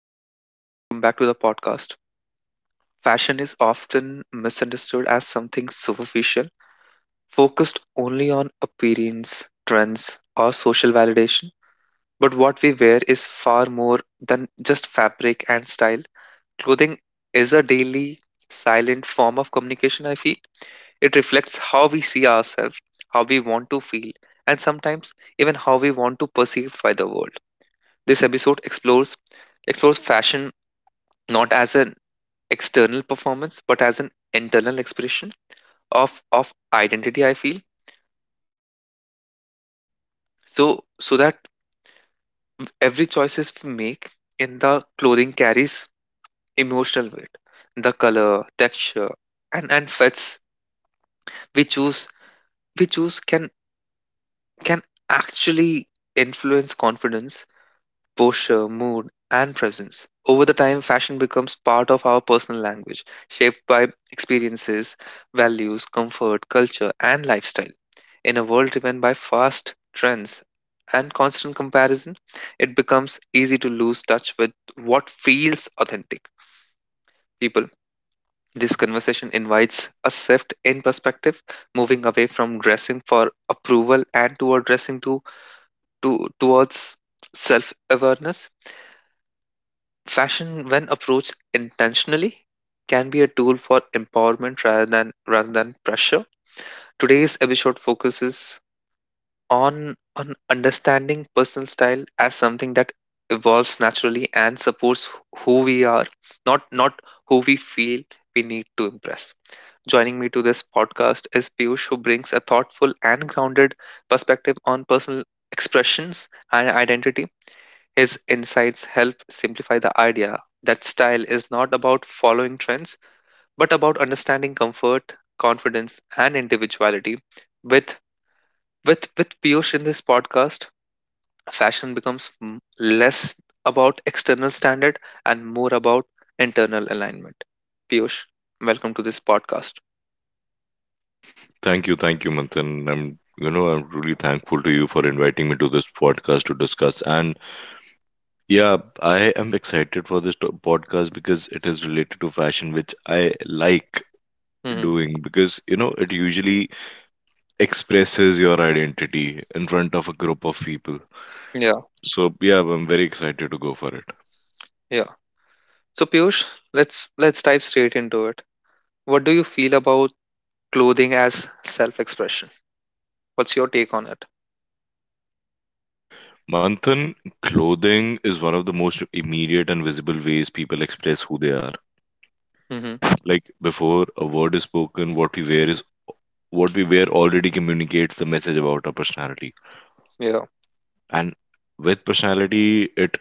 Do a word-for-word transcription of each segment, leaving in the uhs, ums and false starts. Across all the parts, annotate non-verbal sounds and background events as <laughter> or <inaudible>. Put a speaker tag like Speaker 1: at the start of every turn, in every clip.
Speaker 1: Hello, everyone. Welcome back to the podcast. Fashion is often misunderstood as something superficial, focused only on appearance, trends, or social validation. But what we wear is far more than just fabric and style. Clothing is a daily, silent form of communication, I feel. It reflects how we see ourselves, how we want to feel, and sometimes even how we want to perceive by the world. This episode explores explores fashion not as a external performance but as an internal expression of of identity, I feel. So so that every choices we make in the clothing carries emotional weight. The color, texture, and and fits we choose we choose can can actually influence confidence, posture, mood, and presence. Over the time fashion becomes part of our personal language, shaped by experiences, values, comfort, culture, and lifestyle. In a world driven by fast trends and constant comparison, it becomes easy to lose touch with what feels authentic. People, this conversation invites a shift in perspective, moving away from dressing for approval and toward dressing to, to towards self-awareness. Fashion, when approached intentionally, can be a tool for empowerment rather than rather than pressure. Today's episode focuses on on understanding personal style as something that evolves naturally and supports who we are, not not who we feel we need to impress. Joining me to this podcast is Piyush, who brings a thoughtful and grounded perspective on personal expressions and identity. His insights help simplify the idea that style is not about following trends but about understanding comfort, confidence, and individuality. With with with Piyush in this podcast, fashion becomes m- less about external standard and more about internal alignment. Piyush, welcome to this podcast.
Speaker 2: Thank you, thank you, Manthan. I'm, you know, I'm really thankful to you for inviting me to this podcast to discuss. And yeah, I am excited for this to- podcast because it is related to fashion, which I like
Speaker 1: Hmm.
Speaker 2: doing because, you know, it usually expresses your identity in front of a group of people.
Speaker 1: Yeah,
Speaker 2: So yeah, I'm very excited to go for it.
Speaker 1: yeah. So Piyush, let's let's dive straight into it. What do you feel about clothing as self-expression? What's your take on it?
Speaker 2: Manthan, clothing is one of the most immediate and visible ways people express who they are.
Speaker 1: Hmm.
Speaker 2: Like before a word is spoken, what we wear is what we wear already communicates the message about our personality.
Speaker 1: Yeah,
Speaker 2: And with personality, it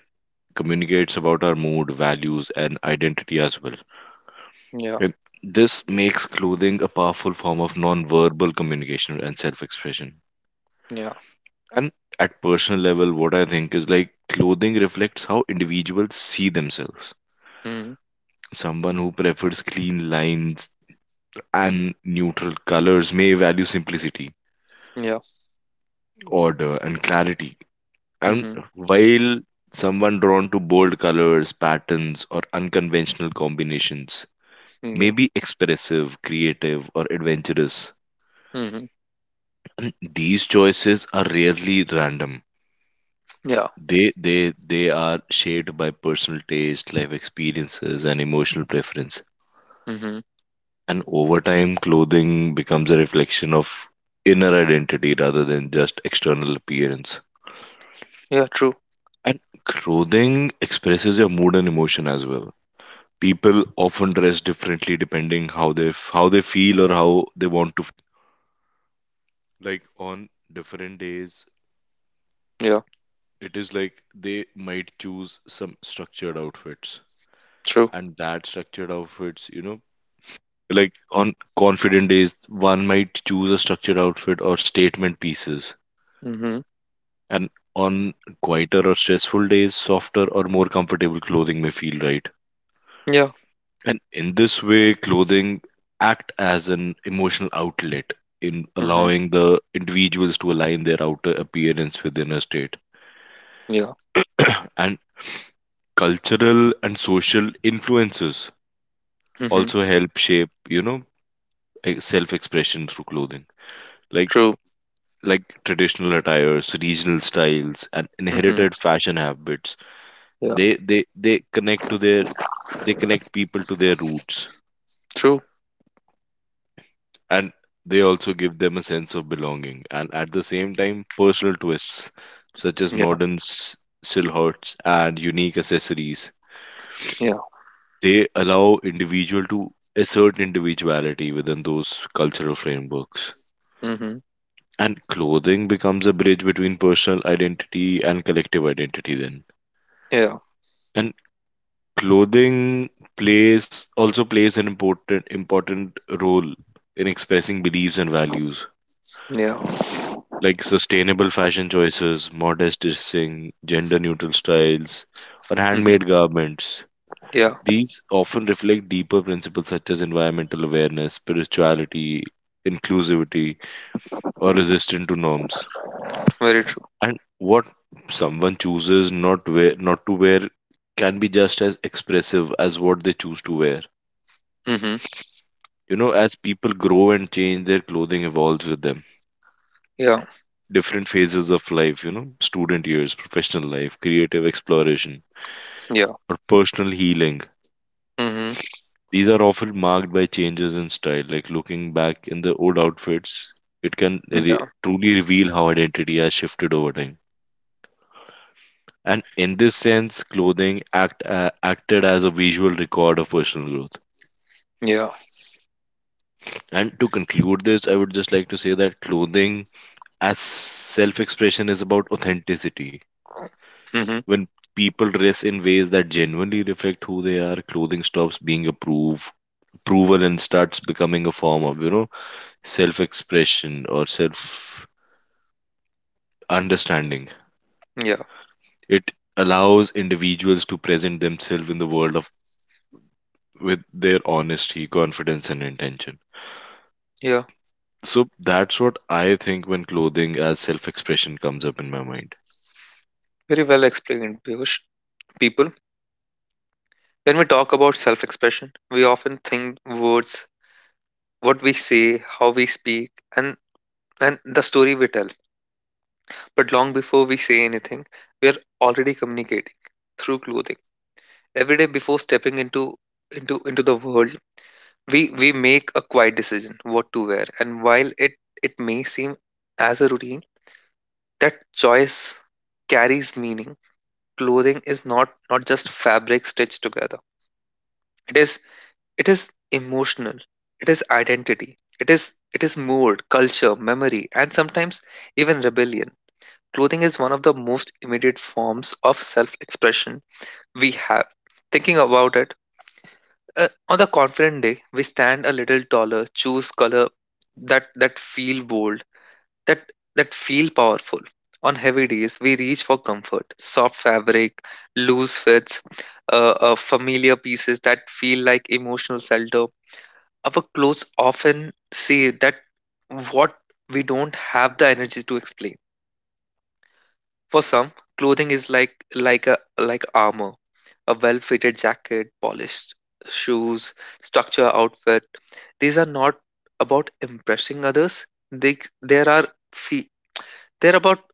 Speaker 2: communicates about our mood, values, and identity as well.
Speaker 1: yeah,
Speaker 2: And this makes clothing a powerful form of non-verbal communication and self-expression.
Speaker 1: yeah.
Speaker 2: And at personal level, what I think is like clothing reflects how individuals see themselves.
Speaker 1: Hmm.
Speaker 2: Someone who prefers clean lines and neutral colors may value simplicity,
Speaker 1: Yeah.
Speaker 2: order, and clarity. And
Speaker 1: Hmm.
Speaker 2: while someone drawn to bold colors, patterns, or unconventional combinations may
Speaker 1: Yeah.
Speaker 2: be expressive, creative, or adventurous,
Speaker 1: Hmm.
Speaker 2: and these choices are rarely random.
Speaker 1: Yeah.
Speaker 2: They, they, they are shaped by personal taste, life experiences, and emotional preference.
Speaker 1: Hmm.
Speaker 2: And over time, clothing becomes a reflection of inner identity rather than just external appearance.
Speaker 1: Yeah. True.
Speaker 2: And clothing expresses your mood and emotion as well. People often dress differently depending how they f- how they feel or how they want,
Speaker 1: Yeah. True.
Speaker 2: might choose a structured outfit or statement pieces.
Speaker 1: Hmm.
Speaker 2: And on quieter or stressful days, softer or more comfortable clothing may feel right.
Speaker 1: Yeah.
Speaker 2: And in this way, clothing act as an emotional outlet in
Speaker 1: Hmm.
Speaker 2: allowing the individuals to align their outer appearance with inner state.
Speaker 1: Yeah.
Speaker 2: <clears throat> And cultural and social influences
Speaker 1: Hmm.
Speaker 2: also help shape, you know, e-, self-expression through clothing. Like
Speaker 1: True.
Speaker 2: like traditional attires, regional styles, and
Speaker 1: Hmm.
Speaker 2: inherited fashion habits,
Speaker 1: Yeah.
Speaker 2: they they they connect to their they connect people to their roots,
Speaker 1: True.
Speaker 2: and they also give them a sense of belonging, and at the same time personal twists such as
Speaker 1: Yeah,
Speaker 2: modern s- silhouettes and unique accessories,
Speaker 1: yeah,
Speaker 2: they allow individual to assert individuality within those cultural frameworks.
Speaker 1: mm-hmm,
Speaker 2: And clothing becomes a bridge between personal identity and collective identity then.
Speaker 1: yeah,
Speaker 2: And clothing plays also plays an important important role in expressing beliefs and values,
Speaker 1: yeah,
Speaker 2: like sustainable fashion choices, modest dressing, gender neutral styles, or
Speaker 1: mm-hmm,
Speaker 2: handmade garments.
Speaker 1: yeah,
Speaker 2: These often reflect deeper principles such as environmental awareness, spirituality, inclusivity, or resistance to norms.
Speaker 1: very true.
Speaker 2: And what someone chooses not wear not to wear can be just as expressive as what they choose to wear.
Speaker 1: Mm-hmm,
Speaker 2: You know, as people grow and change, their clothing evolves with them.
Speaker 1: yeah,
Speaker 2: Different phases of life, you know, student years, professional life, creative exploration,
Speaker 1: yeah,
Speaker 2: or personal healing.
Speaker 1: mm-hmm,
Speaker 2: These are often marked by changes in style. Like looking back in the old outfits, it can re-
Speaker 1: yeah,
Speaker 2: truly reveal how identity has shifted over time. And in this sense, clothing act uh, acted as a visual record of personal growth.
Speaker 1: yeah,
Speaker 2: And to conclude this, I would just like to say that clothing as self expression is about authenticity.
Speaker 1: mm-hmm,
Speaker 2: When people dress in ways that genuinely reflect who they are, clothing stops being approve approval and starts becoming a form of, you know, self-expression or self-understanding.
Speaker 1: yeah,
Speaker 2: It allows individuals to present themselves in the world of with their honesty, confidence and intention.
Speaker 1: yeah.
Speaker 2: So that's what I think when clothing as self-expression comes up in my mind.
Speaker 1: Very well explained, Piyush. People, when we talk about self-expression, we often think words, what we say, how we speak, and and the story we tell. But long before we say anything, we are already communicating through clothing. Every day before stepping into into into the world, we we make a quiet decision what to wear. And while it it may seem as a routine, that choice carries meaning. Clothing is not not just fabric stitched together. It is it is emotional. It is identity. It is it is mood, culture, memory, and sometimes even rebellion. Clothing is one of the most immediate forms of self expression we have. Thinking about it, Uh, on the confident day, we stand a little taller, choose color that that feel bold, that that feel powerful. On heavy days, we reach for comfort, soft fabric, loose fits, uh, uh, familiar pieces that feel like emotional shelter. Our clothes often say that what we don't have the energy to explain. For some, clothing is like like a like armor. A well-fitted jacket, polished shoes, structure outfit. These are not about impressing others. They there are fe- they're about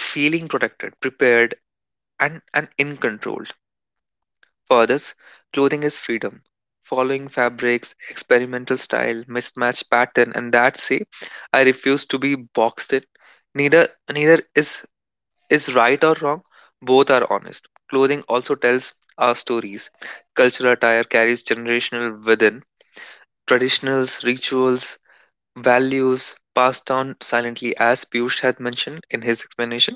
Speaker 1: feeling protected, prepared, and and in control. For others, clothing is freedom. Following fabrics, experimental style, mismatched pattern, and that say, I refuse to be boxed in. Neither neither is is right or wrong, both are honest. Clothing also tells our stories. Cultural attire carries generational within traditionals, rituals, values passed down silently, as Piyush had mentioned in his explanation.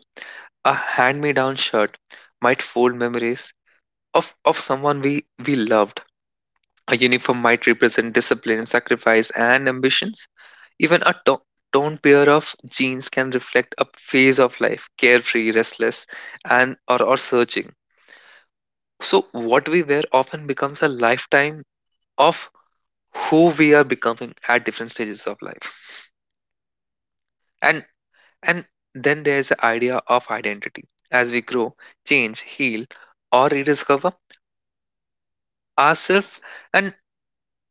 Speaker 1: A hand-me-down shirt might fold memories of, of someone we, we loved. A uniform might represent discipline, sacrifice, and ambitions. Even a to- torn pair of jeans can reflect a phase of life, carefree, restless, and or, or searching. So, what we wear often becomes a lifetime of who we are becoming at different stages of life. And and then there's the idea of identity. As we grow, change, heal, or rediscover ourselves, and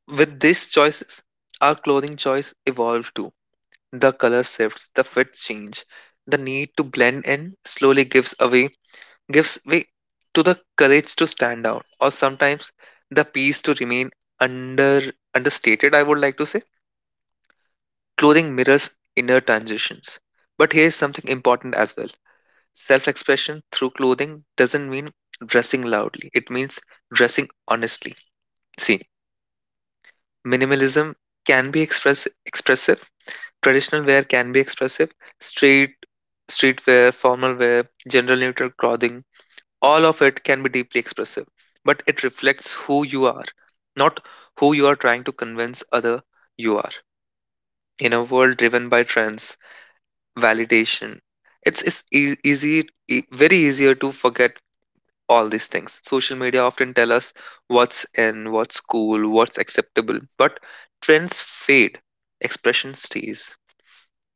Speaker 1: with these choices, our clothing choice evolves too. The color shifts, the fits change, the need to blend in slowly gives away gives way to the courage to stand out, or sometimes the peace to remain under understated, I would like to say. Clothing mirrors inner transitions. But here is something important as well. Self expression through clothing doesn't mean dressing loudly, it means dressing honestly. See, minimalism can be express expressive. Traditional wear can be expressive. Street street wear, formal wear, general neutral clothing, all of it can be deeply expressive. But it reflects who you are, not who you are trying to convince other you are. In a world driven by trends, validation, it's, it's ea- easy e- very easier to forget all these things. Social media often tell us what's in, what's cool, what's acceptable, but trends fade, expression stays.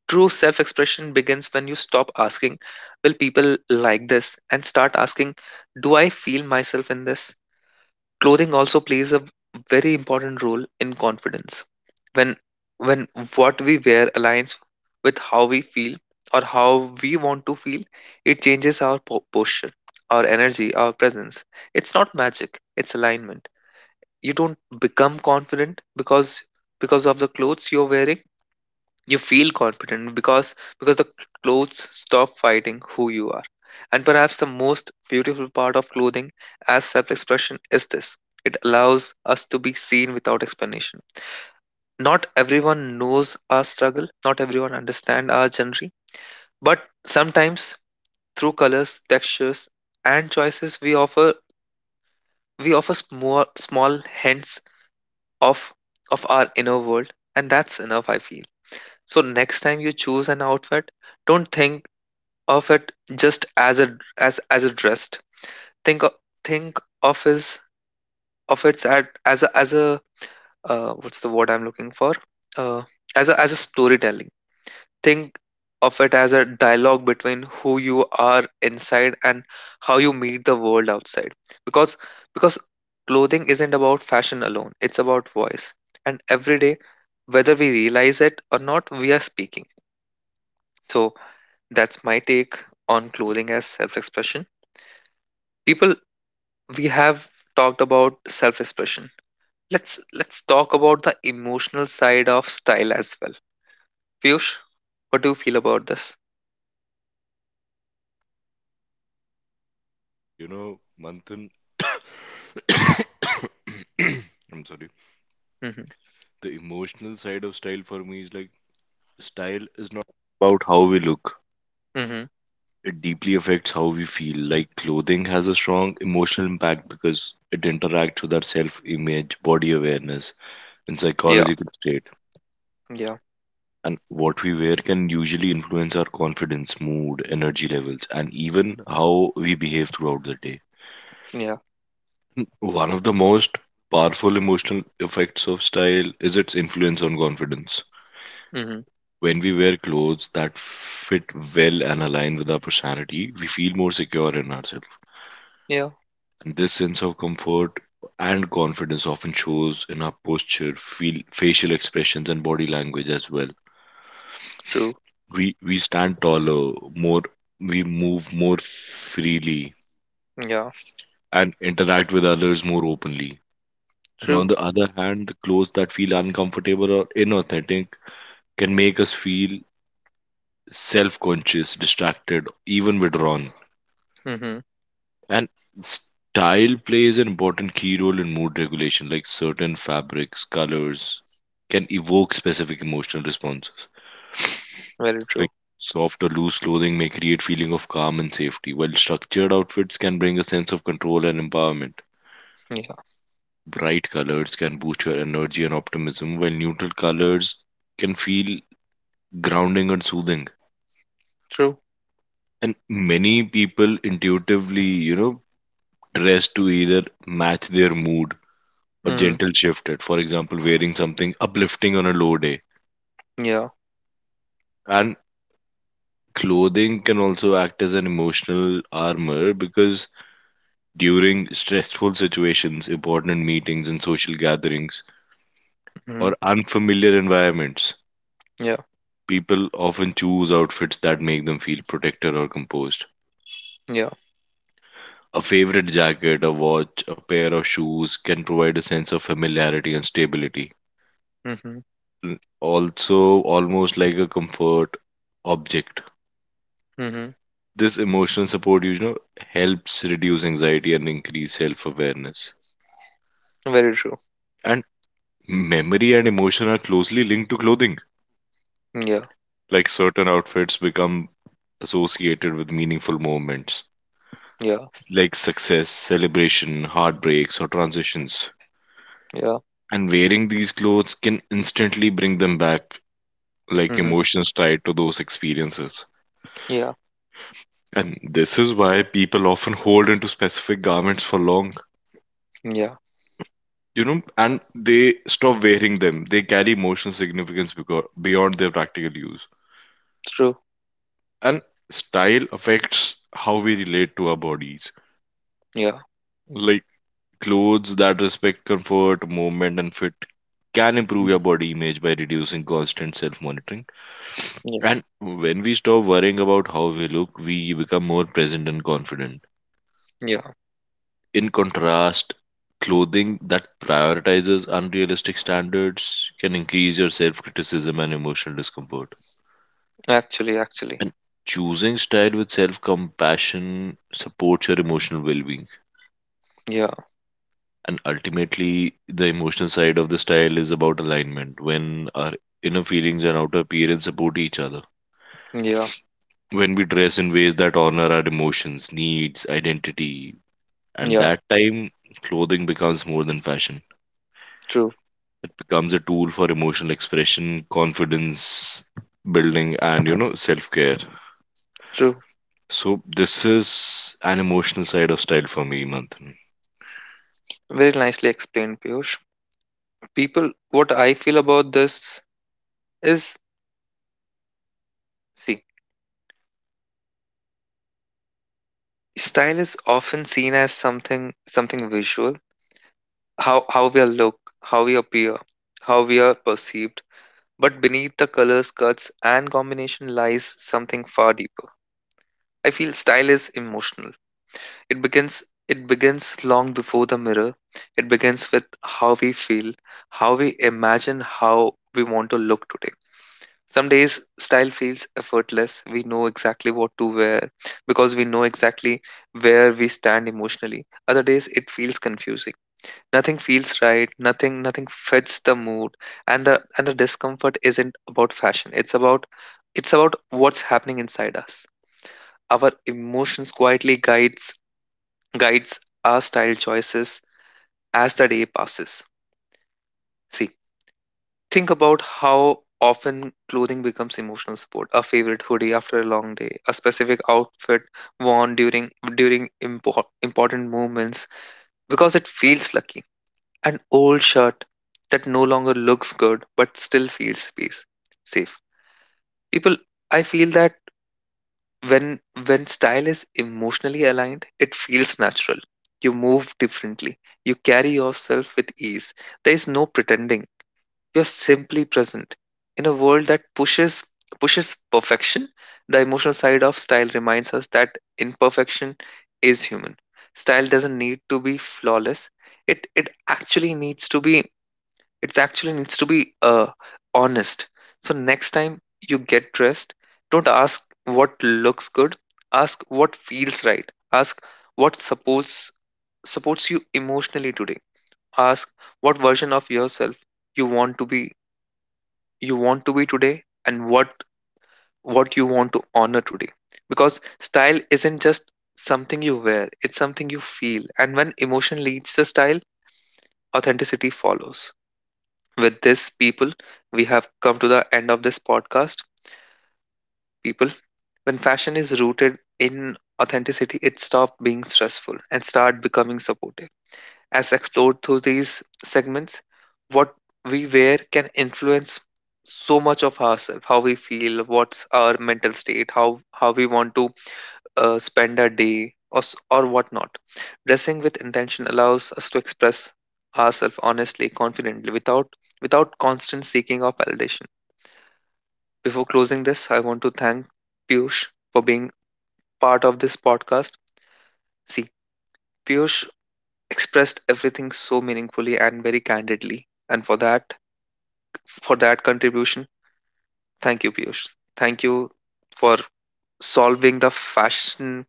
Speaker 1: True self expression begins when you stop asking, will people like this, and start asking, do I feel myself in this? Clothing also plays a very important role in confidence. When when what we wear aligns with how we feel or how we want to feel, it changes our po- posture, our energy, our presence. It's not magic, it's alignment. You don't become confident because because of the clothes you're wearing. You feel confident because because the clothes stop fighting who you are. And perhaps the most beautiful part of clothing as self-expression is this: it allows us to be seen without explanation. Not everyone knows our struggle, not everyone understands our journey, but sometimes through colors, textures, and choices we offer we offer small small hints of of our inner world, and that's enough, I feel. So next time you choose an outfit, don't think of it just as a as as a dressed. Think o- think of his of its at as a as a uh, what's the word I'm looking for? Uh, as a as a storytelling. Think of it as a dialogue between who you are inside and how you meet the world outside. Because because clothing isn't about fashion alone. It's about voice. And every day, whether we realize it or not, we are speaking. So that's my take on clothing as self-expression. People, we have talked about self-expression. Let's let's talk about the emotional side of style as well. Piyush, what do you feel about this?
Speaker 2: You know, Manthan, <coughs> I'm sorry.
Speaker 1: Mm-hmm.
Speaker 2: The emotional side of style for me is like style is not about how we look.
Speaker 1: Mm-hmm.
Speaker 2: It deeply affects how we feel. Like clothing has a strong emotional impact because it interacts with our self image, body awareness, and
Speaker 1: Yeah.
Speaker 2: psychological state.
Speaker 1: Yeah.
Speaker 2: And what we wear can usually influence our confidence, mood, energy levels, and even how we behave throughout the day.
Speaker 1: Yeah.
Speaker 2: One of the most powerful emotional effects of style is its influence on confidence.
Speaker 1: Mm-hmm.
Speaker 2: When we wear clothes that fit well and align with our personality, we feel more secure in ourselves.
Speaker 1: Yeah.
Speaker 2: And this sense of comfort and confidence often shows in our posture, feel, facial expressions, and body language as well.
Speaker 1: True.
Speaker 2: We we stand taller, more we move more freely,
Speaker 1: Yeah.
Speaker 2: and interact with others more openly. And on
Speaker 1: True.
Speaker 2: the other hand, the clothes that feel uncomfortable or inauthentic can make us feel self conscious, distracted, even withdrawn.
Speaker 1: Mm-hmm.
Speaker 2: And style plays an important key role in mood regulation, like certain fabrics, colors can evoke specific emotional responses.
Speaker 1: Very
Speaker 2: Like
Speaker 1: true.
Speaker 2: soft or loose clothing may create feeling of calm and safety, while structured outfits can bring a sense of control and empowerment.
Speaker 1: Yeah.
Speaker 2: Bright colors can boost your energy and optimism, while neutral colors can feel grounding and soothing.
Speaker 1: True.
Speaker 2: And many people intuitively, you know, dressed to either match their mood or
Speaker 1: Mm-hmm.
Speaker 2: gentle shift it. For example, wearing something uplifting on a low day.
Speaker 1: Yeah.
Speaker 2: And clothing can also act as an emotional armor because during stressful situations, important meetings and social gatherings,
Speaker 1: Mm-hmm.
Speaker 2: or unfamiliar environments,
Speaker 1: Yeah.
Speaker 2: people often choose outfits that make them feel protected or composed.
Speaker 1: Yeah.
Speaker 2: A favorite jacket, a watch, a pair of shoes can provide a sense of familiarity and stability,
Speaker 1: Mm-hmm.
Speaker 2: also almost like a comfort object.
Speaker 1: Mm-hmm.
Speaker 2: This emotional support, you know, helps reduce anxiety and increase self awareness.
Speaker 1: Very true.
Speaker 2: And memory and emotion are closely linked to clothing.
Speaker 1: Yeah.
Speaker 2: Like certain outfits become associated with meaningful moments,
Speaker 1: Yeah.
Speaker 2: like success, celebration, heartbreaks, or transitions.
Speaker 1: Yeah.
Speaker 2: And wearing these clothes can instantly bring them back, like
Speaker 1: Mm-hmm.
Speaker 2: emotions tied to those experiences.
Speaker 1: Yeah.
Speaker 2: And this is why people often hold into specific garments for long,
Speaker 1: Yeah.
Speaker 2: you know, and they stop wearing them. They carry emotional significance because, beyond their practical use.
Speaker 1: True.
Speaker 2: And style affects how we relate to our bodies.
Speaker 1: Yeah.
Speaker 2: Like clothes that respect comfort, movement, and fit can improve your
Speaker 1: Mm-hmm.
Speaker 2: body image by reducing constant self monitoring.
Speaker 1: Yeah.
Speaker 2: And when we stop worrying about how we look, we become more present and confident.
Speaker 1: Yeah.
Speaker 2: In contrast, clothing that prioritizes unrealistic standards can increase your self criticism and emotional discomfort.
Speaker 1: Actually, actually.
Speaker 2: And choosing style with self compassion supports your emotional well being.
Speaker 1: Yeah.
Speaker 2: And ultimately, the emotional side of the style is about alignment when our inner feelings and outer appearance support each other.
Speaker 1: Yeah.
Speaker 2: When we dress in ways that honor our emotions, needs, identity, and
Speaker 1: Yeah.
Speaker 2: that time, clothing becomes more than fashion.
Speaker 1: True.
Speaker 2: It becomes a tool for emotional expression, confidence building, and you know, self care.
Speaker 1: True.
Speaker 2: So, this is an emotional side of style for me, Manthan.
Speaker 1: Very nicely explained, Piyush. People, what I feel about this is, see, style is often seen as something something visual, how how we look, how we appear, how we are perceived. But beneath the colors, cuts, and combination lies something far deeper. I feel style is emotional. It begins it begins long before the mirror. It begins with how we feel, how we imagine how we want to look today. Some days style feels effortless. We know exactly what to wear because we know exactly where we stand emotionally. Other days it feels confusing. Nothing feels right, nothing nothing fits the mood, and the and the discomfort isn't about fashion. It's about it's about what's happening inside us. Our emotions quietly guides guides our style choices as the day passes. See, think about how often clothing becomes emotional support. A favorite hoodie after a long day, a specific outfit worn during during impor- important moments because it feels lucky. An old shirt that no longer looks good but still feels space safe. People, I feel that when when style is emotionally aligned, it feels natural. You move differently. You carry yourself with ease. There is no pretending, you're simply present. In a world that pushes pushes perfection, the emotional side of style reminds us that imperfection is human. Style doesn't need to be flawless. It it actually needs to be it's actually needs to be uh, honest. So next time you get dressed, don't ask what looks good. Ask what feels right. Ask what supports supports you emotionally today. Ask what version of yourself you want to be you want to be today, and what what you want to honor today. Because style isn't just something you wear, it's something you feel. And when emotion leads the style, authenticity follows. With this people, we have come to the end of this podcast. People, when fashion is rooted in authenticity, it stops being stressful and start becoming supportive. As explored through these segments, what we wear can influence so much of ourselves, how we feel, what's our mental state, how how we want to uh, spend our day, or s- or whatnot. Dressing with intention allows us to express ourselves honestly, confidently, without without constant seeking of validation. Before closing this, I want to thank Piyush for being part of this podcast. See, Piyush expressed everything so meaningfully and very candidly, and for that for that contribution. Thank you, Piyush. Thank you for solving the fashion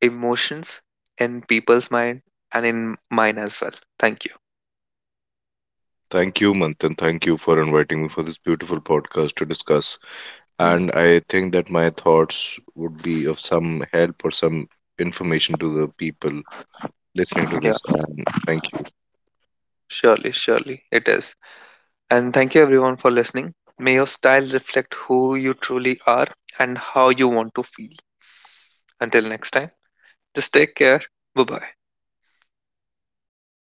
Speaker 1: emotions in people's mind and in mine as well. Thank you.
Speaker 2: Thank you, Manthan. Thank you for inviting me for this beautiful podcast to discuss.
Speaker 1: Mm.
Speaker 2: And I think that my thoughts would be of some help or some information to the people listening to
Speaker 1: Yeah,
Speaker 2: this. And thank you.
Speaker 1: surely, surely it is. And thank you everyone for listening. May your style reflect who you truly are and how you want to feel. Until next time, just take care. Bye bye.